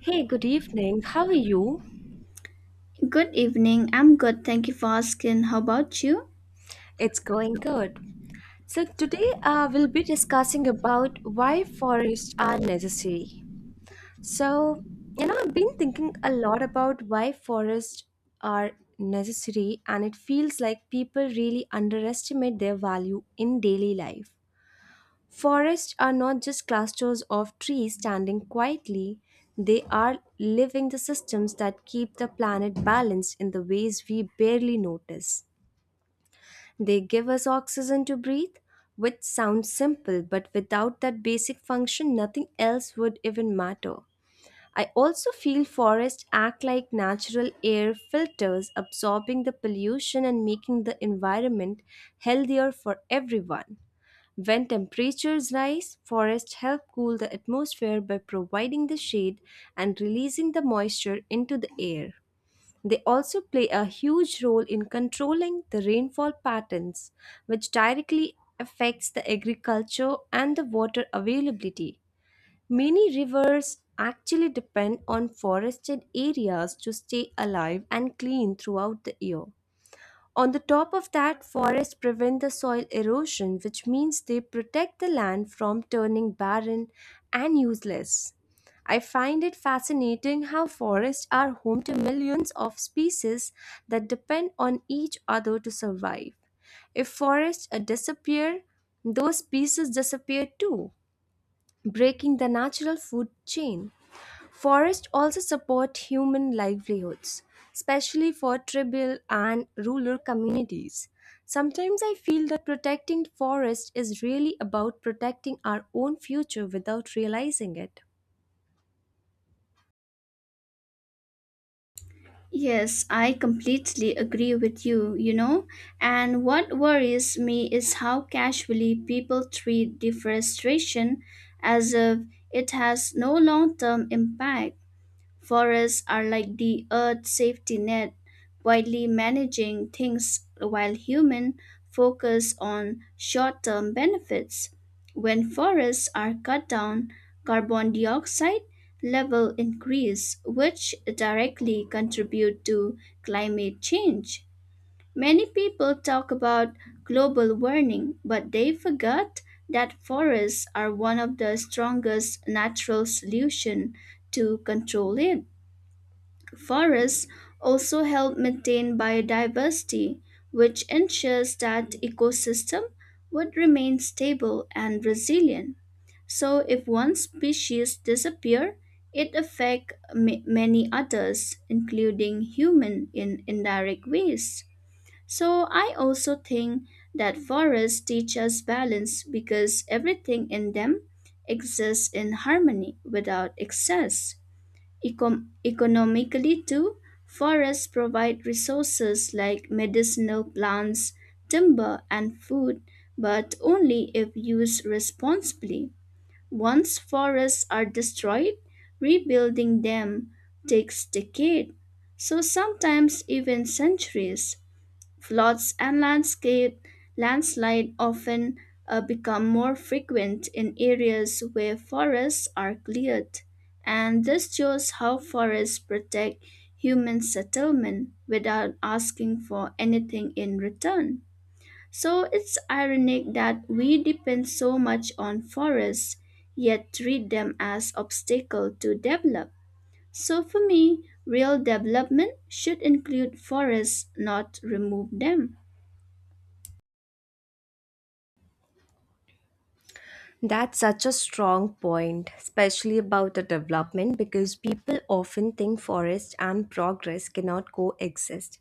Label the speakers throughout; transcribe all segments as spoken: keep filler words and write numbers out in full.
Speaker 1: Hey, good evening. How are you?
Speaker 2: Good evening. I'm good. Thank you for asking. How about you?
Speaker 1: It's going good. So today uh, we'll be discussing about why forests are necessary. So, you know, I've been thinking a lot about why forests are necessary and it feels like people really underestimate their value in daily life. Forests are not just clusters of trees standing quietly, they are living the systems that keep the planet balanced in the ways we barely notice. They give us oxygen to breathe, which sounds simple, but without that basic function, nothing else would even matter. I also feel forests act like natural air filters, absorbing the pollution and making the environment healthier for everyone. When temperatures rise, forests help cool the atmosphere by providing the shade and releasing the moisture into the air. They also play a huge role in controlling the rainfall patterns, which directly affects the agriculture and the water availability. Many rivers actually depend on forested areas to stay alive and clean throughout the year. On the top of that, forests prevent the soil erosion, which means they protect the land from turning barren and useless. I find it fascinating how forests are home to millions of species that depend on each other to survive. If forests uh, disappear, those species disappear too, breaking the natural food chain. Forests also support human livelihoods, especially for tribal and rural communities. Sometimes I feel that protecting forests is really about protecting our own future without realizing it.
Speaker 2: Yes, I completely agree with you, you know. And what worries me is how casually people treat deforestation as if it has no long term impact. Forests are like the earth's safety net, quietly managing things while humans focus on short term benefits. When forests are cut down, carbon dioxide level increase, which directly contribute to climate change. Many people talk about global warming, but they forget that forests are one of the strongest natural solutions to control it. Forests also help maintain biodiversity, which ensures that ecosystem would remain stable and resilient. So if one species disappear, it affect ma- many others, including human in indirect ways. So I also think that forests teach us balance because everything in them exists in harmony without excess. Econ- economically, too, forests provide resources like medicinal plants, timber, and food, but only if used responsibly. Once forests are destroyed, rebuilding them takes decades, so sometimes even centuries. Floods and landscape landslide often uh, become more frequent in areas where forests are cleared, and this shows how forests protect human settlement without asking for anything in return. So it's ironic that we depend so much on forests, yet treat them as obstacle to develop. So for me, real development should include forests, not remove them.
Speaker 1: That's such a strong point, especially about the development, because people often think forest and progress cannot coexist.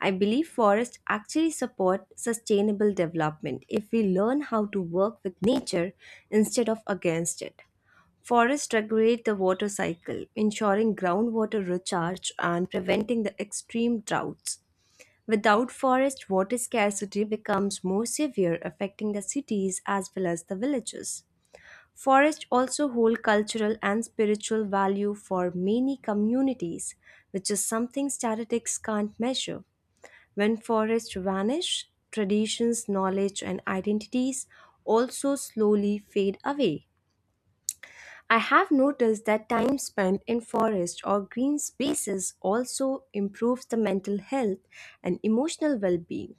Speaker 1: I believe forests actually support sustainable development if we learn how to work with nature instead of against it. Forests regulate the water cycle, ensuring groundwater recharge and preventing the extreme droughts. Without forest, water scarcity becomes more severe, affecting the cities as well as the villages. Forests also hold cultural and spiritual value for many communities, which is something statistics can't measure. When forests vanish, traditions, knowledge, and identities also slowly fade away. I have noticed that time spent in forest or green spaces also improves the mental health and emotional well-being.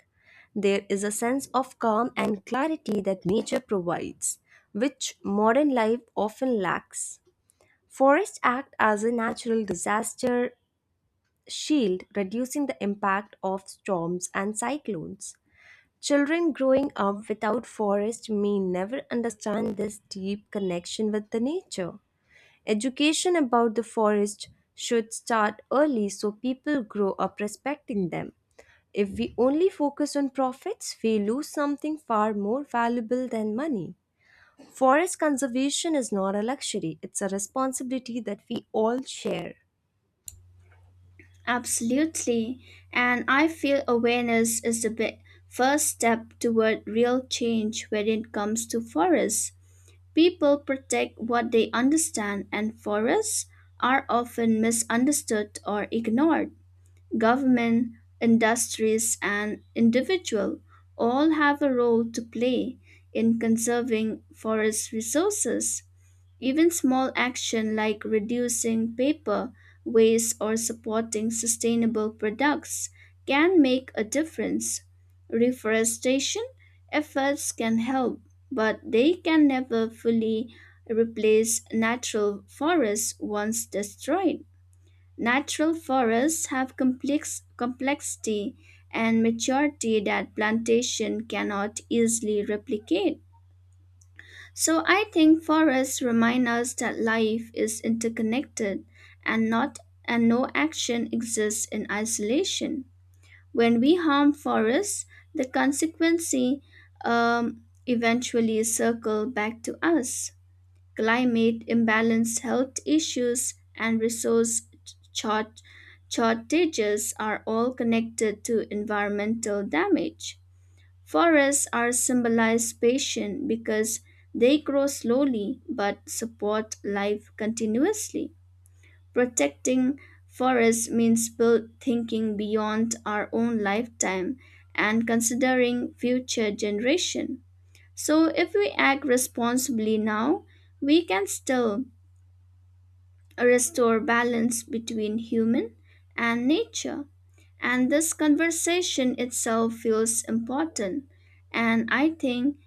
Speaker 1: There is a sense of calm and clarity that nature provides, which modern life often lacks. Forests act as a natural disaster shield, reducing the impact of storms and cyclones. Children growing up without forest may never understand this deep connection with the nature. Education about the forest should start early so people grow up respecting them. If we only focus on profits, we lose something far more valuable than money. Forest conservation is not a luxury, it's a responsibility that we all share.
Speaker 2: Absolutely. And I feel awareness is the bi- first step toward real change when it comes to forests. People protect what they understand, and forests are often misunderstood or ignored. Government, industries, and individual all have a role to play in conserving forest resources. Even small action like reducing paper waste or supporting sustainable products can make a difference. Reforestation efforts can help, but they can never fully replace natural forests once destroyed. Natural forests have complex complexity and maturity that plantation cannot easily replicate. So I think forests remind us that life is interconnected and not and no action exists in isolation. When we harm forests, the consequence um, eventually circle back to us. Climate imbalance, health issues, and resource short, shortages are all connected to environmental damage. Forests are symbolized patient because they grow slowly but support life continuously. Protecting forests means build thinking beyond our own lifetime and considering future generation. So if we act responsibly now, we can still restore balance between human and nature. And this conversation itself feels important. And I think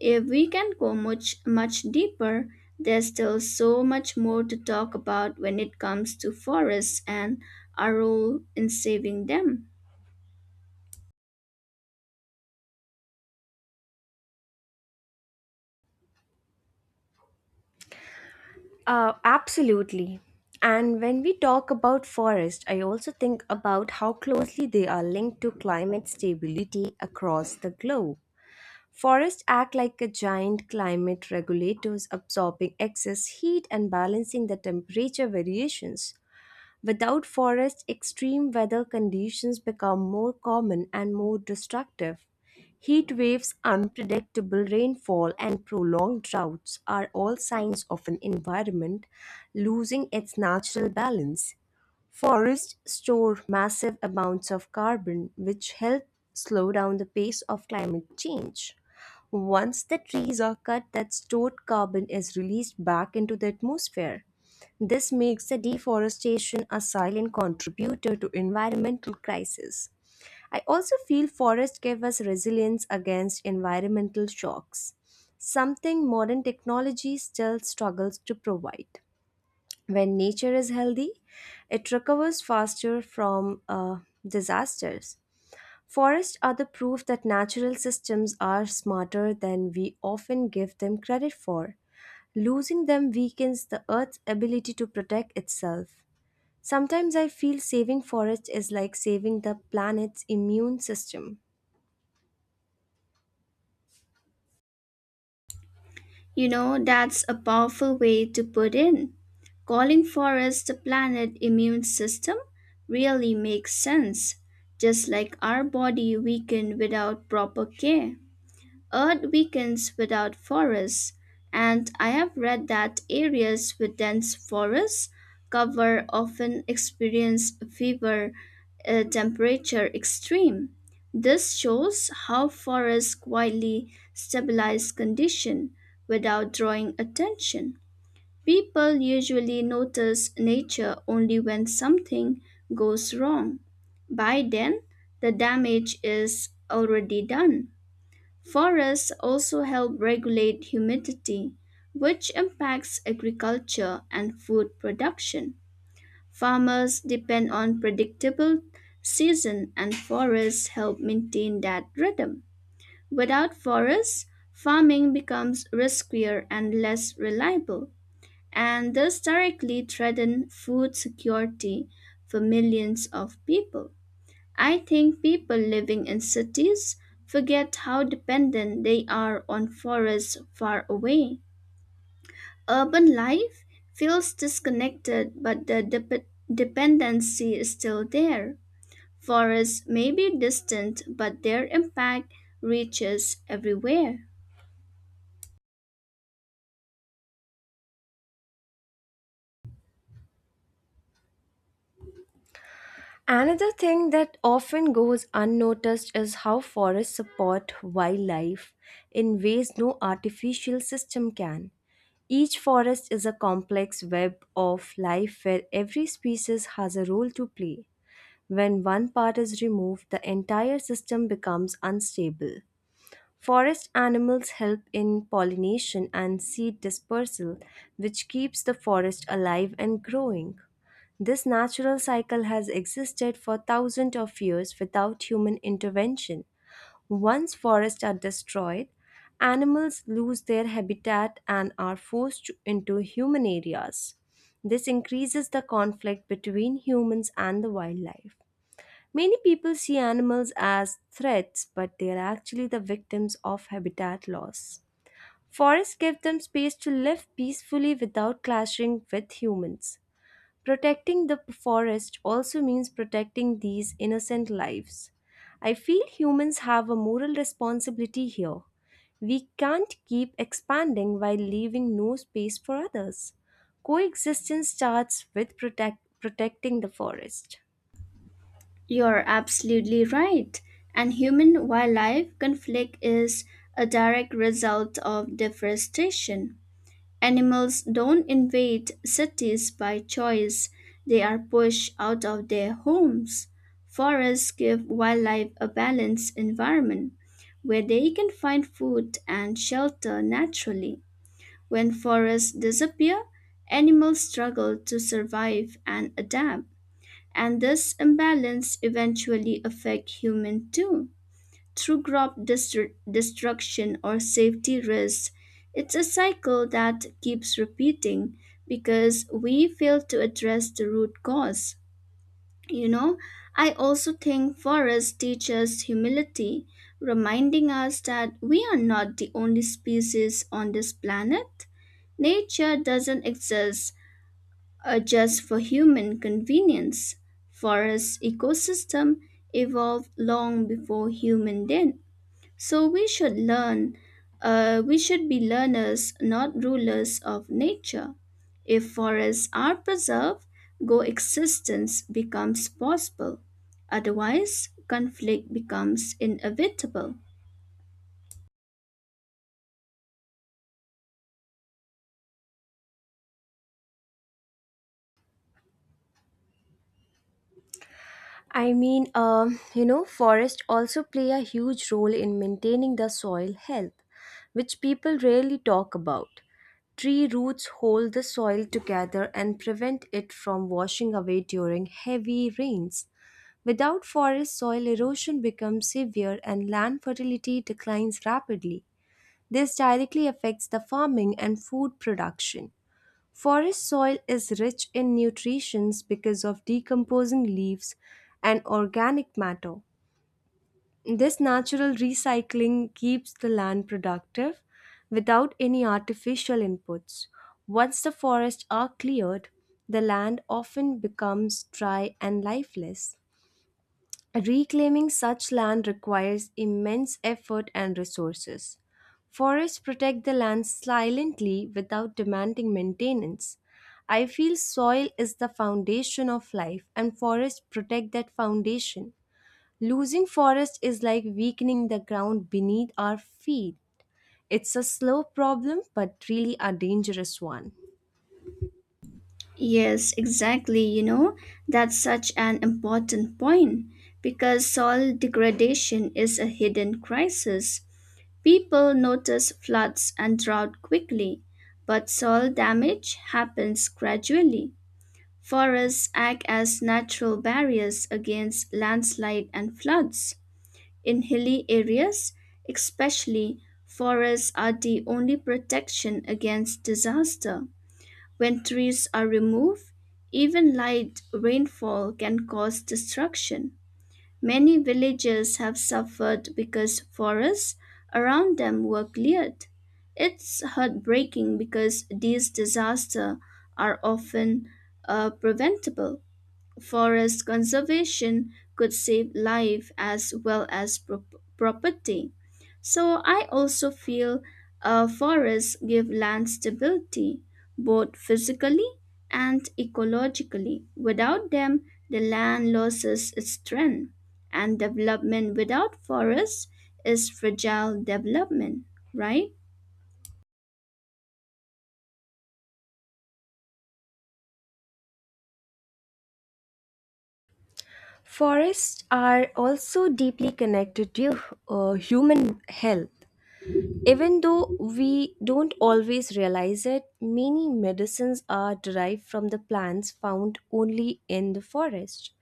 Speaker 2: if we can go much, much deeper, there's still so much more to talk about when it comes to forests and our role in saving them.
Speaker 1: Uh, absolutely. And when we talk about forest, I also think about how closely they are linked to climate stability across the globe. Forests act like a giant climate regulators absorbing excess heat and balancing the temperature variations. Without forests, extreme weather conditions become more common and more destructive. Heat waves, unpredictable rainfall, and prolonged droughts are all signs of an environment losing its natural balance. Forests store massive amounts of carbon, which help slow down the pace of climate change. Once the trees are cut, that stored carbon is released back into the atmosphere. This makes the deforestation a silent contributor to environmental crisis. I also feel forests give us resilience against environmental shocks, something modern technology still struggles to provide. When nature is healthy, it recovers faster from uh, disasters. Forests are the proof that natural systems are smarter than we often give them credit for. Losing them weakens the Earth's ability to protect itself. Sometimes I feel saving forests is like saving the planet's immune system.
Speaker 2: You know, that's a powerful way to put in. Calling forests the planet immune system really makes sense, just like our body weakened without proper care. Earth weakens without forests, and I have read that areas with dense forest cover often experience fever uh, temperature extreme. This shows how forests quietly stabilize condition without drawing attention. People usually notice nature only when something goes wrong. By then, the damage is already done. Forests also help regulate humidity, which impacts agriculture and food production. Farmers depend on predictable season and forests help maintain that rhythm. Without forests, farming becomes riskier and less reliable, and thus directly threaten food security for millions of people. I think people living in cities forget how dependent they are on forests far away. Urban life feels disconnected, but the dep- dependency is still there. Forests may be distant, but their impact reaches everywhere.
Speaker 1: Another thing that often goes unnoticed is how forests support wildlife in ways no artificial system can. Each forest is a complex web of life where every species has a role to play. When one part is removed, the entire system becomes unstable. Forest animals help in pollination and seed dispersal, which keeps the forest alive and growing. This natural cycle has existed for thousands of years without human intervention. Once forests are destroyed, animals lose their habitat and are forced to- into human areas. This increases the conflict between humans and the wildlife. Many people see animals as threats, but they are actually the victims of habitat loss. Forests give them space to live peacefully without clashing with humans. Protecting the forest also means protecting these innocent lives. I feel humans have a moral responsibility here. We can't keep expanding while leaving no space for others. Coexistence starts with protect, protecting the forest.
Speaker 2: You're absolutely right. And human wildlife conflict is a direct result of deforestation. Animals don't invade cities by choice, they are pushed out of their homes. Forests give wildlife a balanced environment where they can find food and shelter naturally. When forests disappear, animals struggle to survive and adapt, and this imbalance eventually affects humans too through crop destru- destruction or safety risks. It's a cycle that keeps repeating because we fail to address the root cause. You know, I also think forests teach us humility, reminding us that we are not the only species on this planet. Nature doesn't exist uh, just for human convenience. Forest ecosystem evolved long before human did. So we should learn, uh, we should be learners, not rulers of nature. If forests are preserved, coexistence becomes possible. Otherwise, conflict becomes inevitable.
Speaker 1: I mean, um, you know, forests also play a huge role in maintaining the soil health, which people rarely talk about. Tree roots hold the soil together and prevent it from washing away during heavy rains. Without forest, soil erosion becomes severe and land fertility declines rapidly. This directly affects the farming and food production. Forest soil is rich in nutrients because of decomposing leaves and organic matter. This natural recycling keeps the land productive without any artificial inputs. Once the forests are cleared, the land often becomes dry and lifeless. Reclaiming such land requires immense effort and resources. Forests protect the land silently without demanding maintenance. I feel soil is the foundation of life, and forests protect that foundation. Losing forest is like weakening the ground beneath our feet. It's a slow problem, but really a dangerous one.
Speaker 2: Yes, exactly. You know, that's such an important point because soil degradation is a hidden crisis. People notice floods and drought quickly, but soil damage happens gradually. Forests act as natural barriers against landslide and floods. In hilly areas, especially, forests are the only protection against disaster. When trees are removed, even light rainfall can cause destruction. Many villages have suffered because forests around them were cleared. It's heartbreaking because these disasters are often uh, preventable. Forest conservation could save life as well as prop- property. So I also feel uh, forests give land stability, both physically and ecologically. Without them, the land loses its strength, and development without forests is fragile development, right?
Speaker 1: Forests are also deeply connected to uh, human health. Even though we don't always realize it, many medicines are derived from the plants found only in the forest.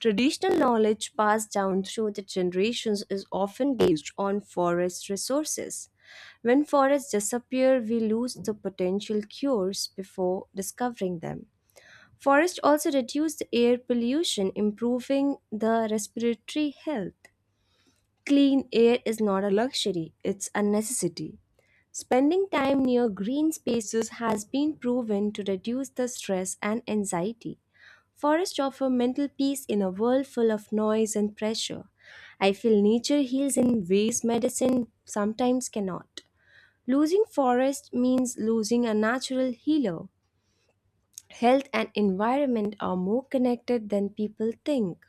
Speaker 1: Traditional knowledge passed down through the generations is often based on forest resources. When forests disappear, we lose the potential cures before discovering them. Forests also reduce the air pollution, improving the respiratory health. Clean air is not a luxury, it's a necessity. Spending time near green spaces has been proven to reduce the stress and anxiety. Forests offer mental peace in a world full of noise and pressure. I feel nature heals in ways medicine sometimes cannot. Losing forest means losing a natural healer. Health and environment are more connected than people think.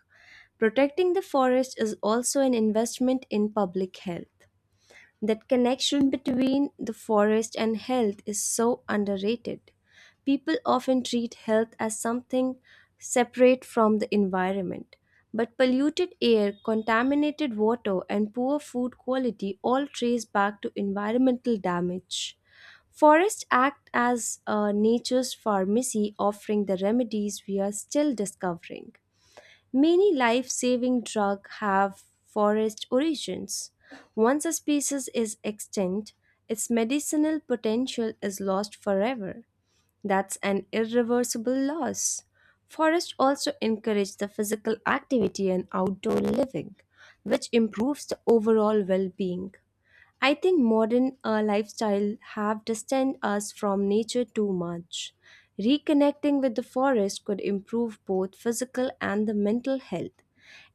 Speaker 1: Protecting the forest is also an investment in public health. That connection between the forest and health is so underrated. People often treat health as something separate from the environment. But polluted air, contaminated water, and poor food quality all trace back to environmental damage. Forests act as uh, nature's pharmacy, offering the remedies we are still discovering. Many life saving drugs have forest origins. Once a species is extinct, its medicinal potential is lost forever. That's an irreversible loss. Forests also encourage the physical activity and outdoor living, which improves the overall well-being. I think modern uh, lifestyle have distanced us from nature too much. Reconnecting with the forest could improve both physical and the mental health.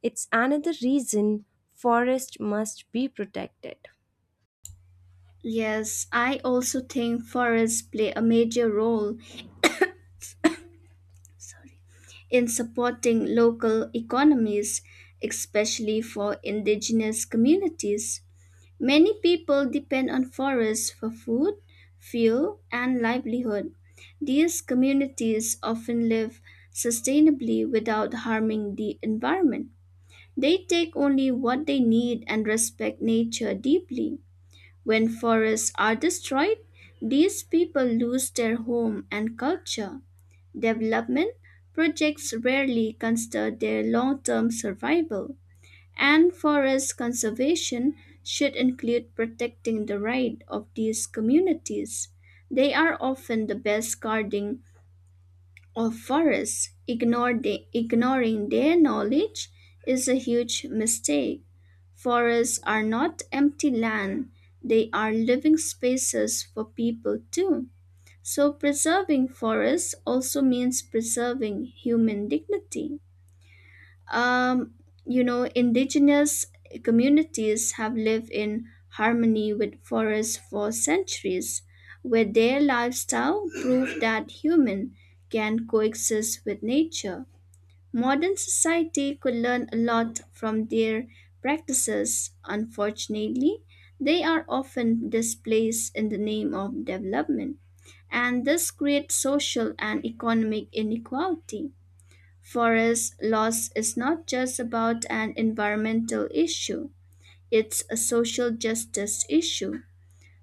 Speaker 1: It's another reason forest must be protected.
Speaker 2: Yes, I also think forests play a major role in supporting local economies, especially for indigenous communities. Many people depend on forests for food, fuel, and livelihood. These communities often live sustainably without harming the environment. They take only what they need and respect nature deeply. When forests are destroyed, these people lose their home and culture. Development projects rarely consider their long term survival, and forest conservation should include protecting the right of these communities. They are often the best guarding of forests. Ignore the- ignoring their knowledge is a huge mistake. Forests are not empty land, they are living spaces for people too. So, preserving forests also means preserving human dignity. Um, you know, indigenous communities have lived in harmony with forests for centuries, where their lifestyle proved that human can coexist with nature. Modern society could learn a lot from their practices. Unfortunately, they are often displaced in the name of development, and this creates social and economic inequality. Forest loss is not just about an environmental issue, it's a social justice issue.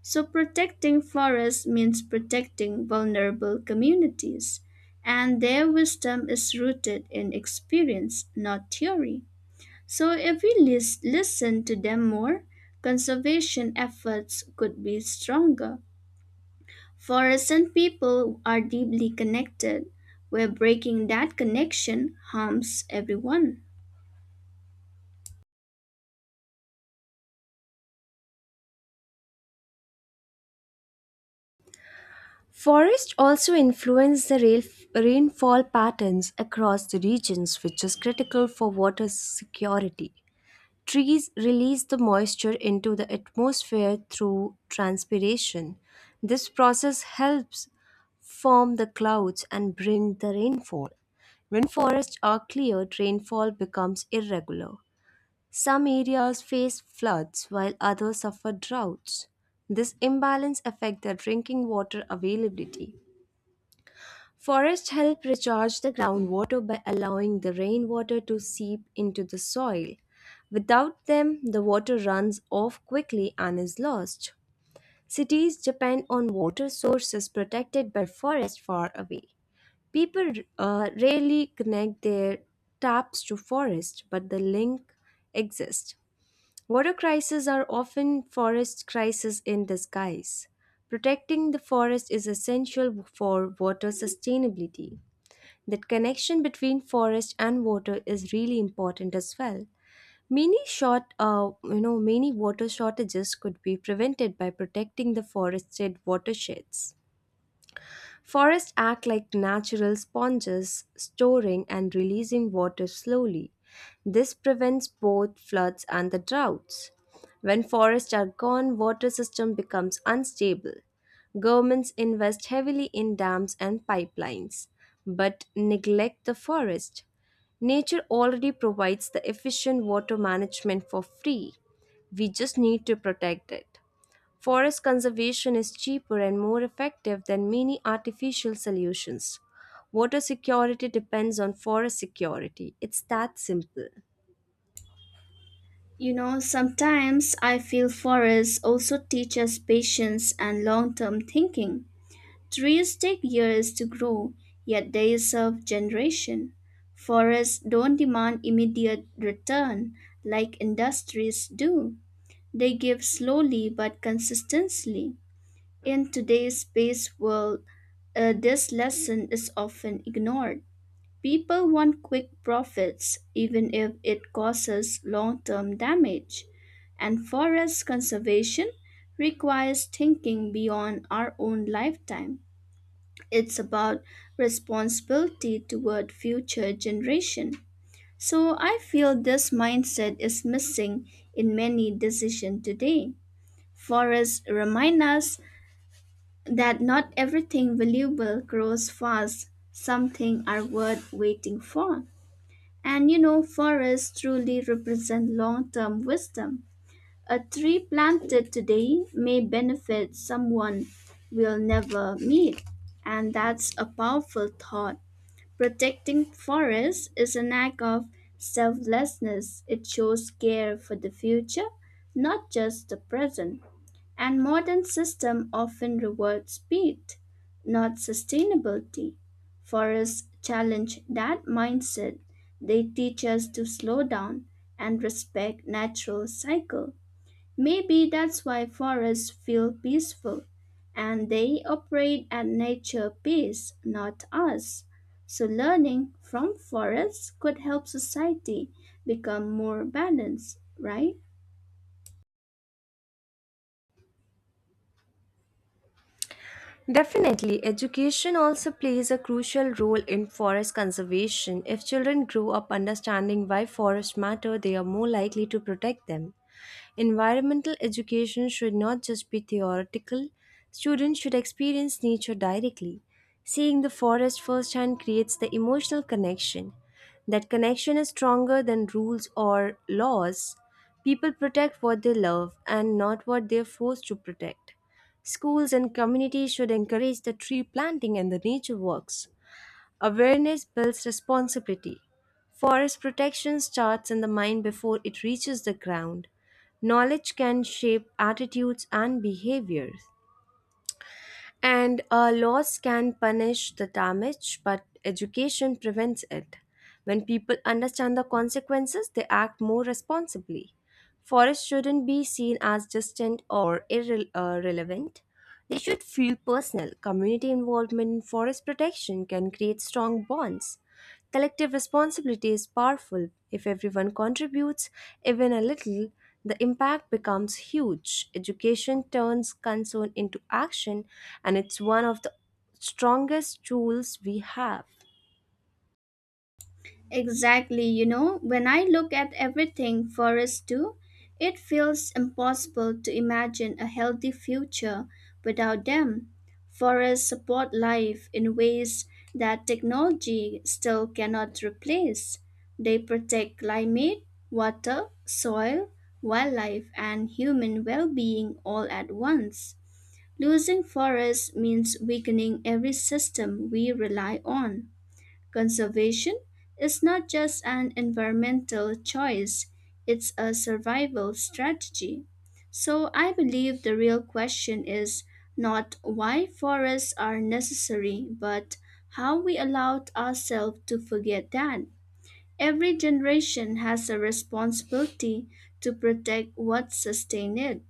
Speaker 2: So, protecting forests means protecting vulnerable communities, and their wisdom is rooted in experience, not theory. So, if we lis- listen to them more, conservation efforts could be stronger. Forests and people are deeply connected, where breaking that connection harms everyone.
Speaker 1: Forests also influence the rail- rainfall patterns across the regions, which is critical for water security. Trees release the moisture into the atmosphere through transpiration. This process helps form the clouds and bring the rainfall. When forests are cleared, rainfall becomes irregular. Some areas face floods while others suffer droughts. This imbalance affects the drinking water availability. Forests help recharge the groundwater by allowing the rainwater to seep into the soil. Without them, the water runs off quickly and is lost. Cities depend on water sources protected by forests far away. People uh, rarely connect their taps to forest, but the link exists. Water crises are often forest crises in disguise. Protecting the forest is essential for water sustainability. That connection between forest and water is really important as well. Many short, uh, you know, many water shortages could be prevented by protecting the forested watersheds. Forests act like natural sponges, storing and releasing water slowly. This prevents both floods and the droughts. When forests are gone, water system becomes unstable. Governments invest heavily in dams and pipelines, but neglect the forest. Nature already provides the efficient water management for free. We just need to protect it. Forest conservation is cheaper and more effective than many artificial solutions. Water security depends on forest security. It's that simple.
Speaker 2: You know, sometimes I feel forests also teach us patience and long term thinking. Trees take years to grow, yet they serve generation. Forests don't demand immediate return like industries do. They give slowly but consistently. In today's space world, uh, this lesson is often ignored. People want quick profits, even if it causes long term damage. And forest conservation requires thinking beyond our own lifetime. It's about responsibility toward future generation. So I feel this mindset is missing in many decisions today. Forests remind us that not everything valuable grows fast. Some things are worth waiting for. And you know, forests truly represent long term wisdom. A tree planted today may benefit someone we'll never meet. And that's a powerful thought. Protecting forests is an act of selflessness. It shows care for the future, not just the present. And modern system often reward speed, not sustainability. Forests challenge that mindset. They teach us to slow down and respect natural cycle. Maybe that's why forests feel peaceful, and they operate at nature pace, not us. So learning from forests could help society become more balanced, right?
Speaker 1: Definitely, education also plays a crucial role in forest conservation. If children grow up understanding why forests matter, they are more likely to protect them. Environmental education should not just be theoretical, students should experience nature directly. Seeing the forest firsthand creates the emotional connection. That connection is stronger than rules or laws. People protect what they love and not what they are forced to protect. Schools and communities should encourage the tree planting and the nature walks. Awareness builds responsibility. Forest protection starts in the mind before it reaches the ground. Knowledge can shape attitudes and behaviors. And uh, laws can punish the damage, but education prevents it. When people understand the consequences, they act more responsibly. Forests shouldn't be seen as distant or irrelevant. They should feel personal. Community involvement in forest protection can create strong bonds. Collective responsibility is powerful. If everyone contributes, even a little, the impact becomes huge. Education turns concern into action, and it's one of the strongest tools we have.
Speaker 2: Exactly, you know, when I look at everything forests do, it feels impossible to imagine a healthy future without them. Forests support life in ways that technology still cannot replace. They protect climate, water, soil, wildlife, and human well being all at once. Losing forests means weakening every system we rely on. Conservation is not just an environmental choice, it's a survival strategy. So I believe the real question is not why forests are necessary, but how we allowed ourselves to forget that. Every generation has a responsibility to protect what sustains it.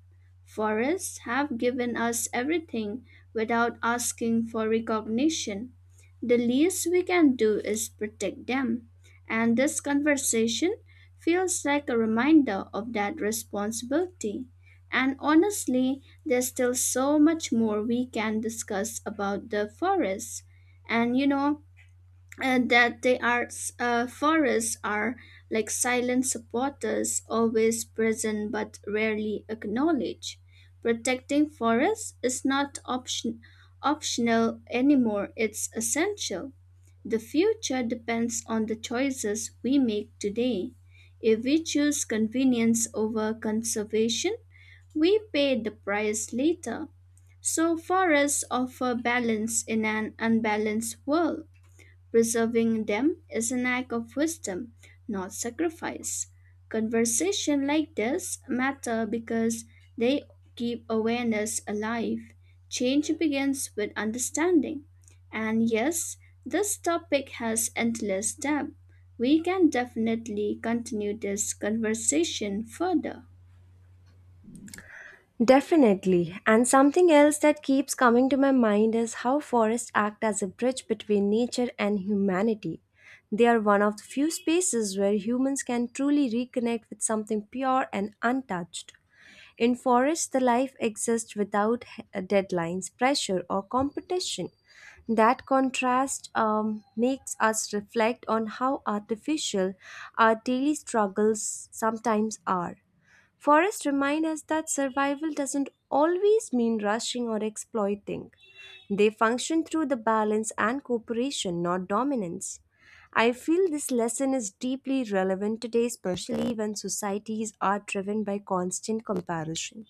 Speaker 2: Forests have given us everything without asking for recognition. The least we can do is protect them. And this conversation feels like a reminder of that responsibility. And honestly, there's still so much more we can discuss about the forests. And you know, and that they are uh, forests are like silent supporters, always present but rarely acknowledged. Protecting forests is not option, optional anymore, it's essential. The future depends on the choices we make today. If we choose convenience over conservation, we pay the price later. So forests offer balance in an unbalanced world. Preserving them is an act of wisdom, not sacrifice. Conversation like this matter because they keep awareness alive. Change begins with understanding. And yes, this topic has endless depth. We can definitely continue this conversation further.
Speaker 1: Definitely. And something else that keeps coming to my mind is how forests act as a bridge between nature and humanity. They are one of the few spaces where humans can truly reconnect with something pure and untouched. In forests, the life exists without he- uh, deadlines, pressure, or competition. That contrast um, makes us reflect on how artificial our daily struggles sometimes are. Forests remind us that survival doesn't always mean rushing or exploiting. They function through the balance and cooperation, not dominance. I feel this lesson is deeply relevant today, especially when societies are driven by constant comparison.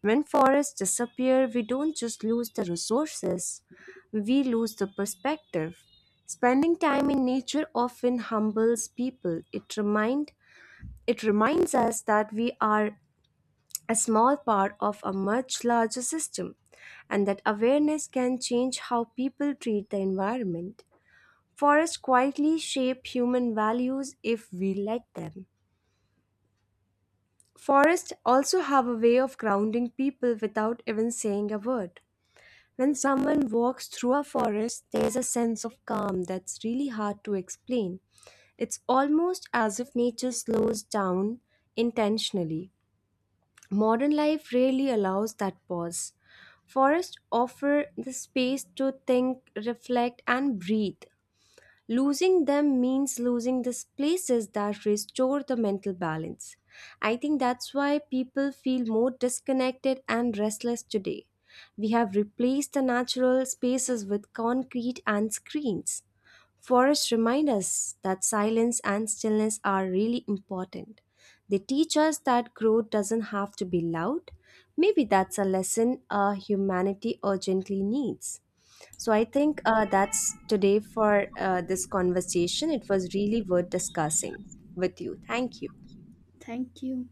Speaker 1: When forests disappear, we don't just lose the resources, we lose the perspective. Spending time in nature often humbles people. It remind it reminds us that we are a small part of a much larger system, and that awareness can change how people treat the environment. Forests quietly shape human values if we let them. Forests also have a way of grounding people without even saying a word. When someone walks through a forest, there's a sense of calm that's really hard to explain. It's almost as if nature slows down intentionally. Modern life rarely allows that pause. Forests offer the space to think, reflect, and breathe. Losing them means losing these places that restore the mental balance. I think that's why people feel more disconnected and restless today. We have replaced the natural spaces with concrete and screens. Forests remind us that silence and stillness are really important. They teach us that growth doesn't have to be loud. Maybe that's a lesson uh, humanity urgently needs. So I think uh, that's today for uh, this conversation. It was really worth discussing with you. Thank you.
Speaker 2: Thank you.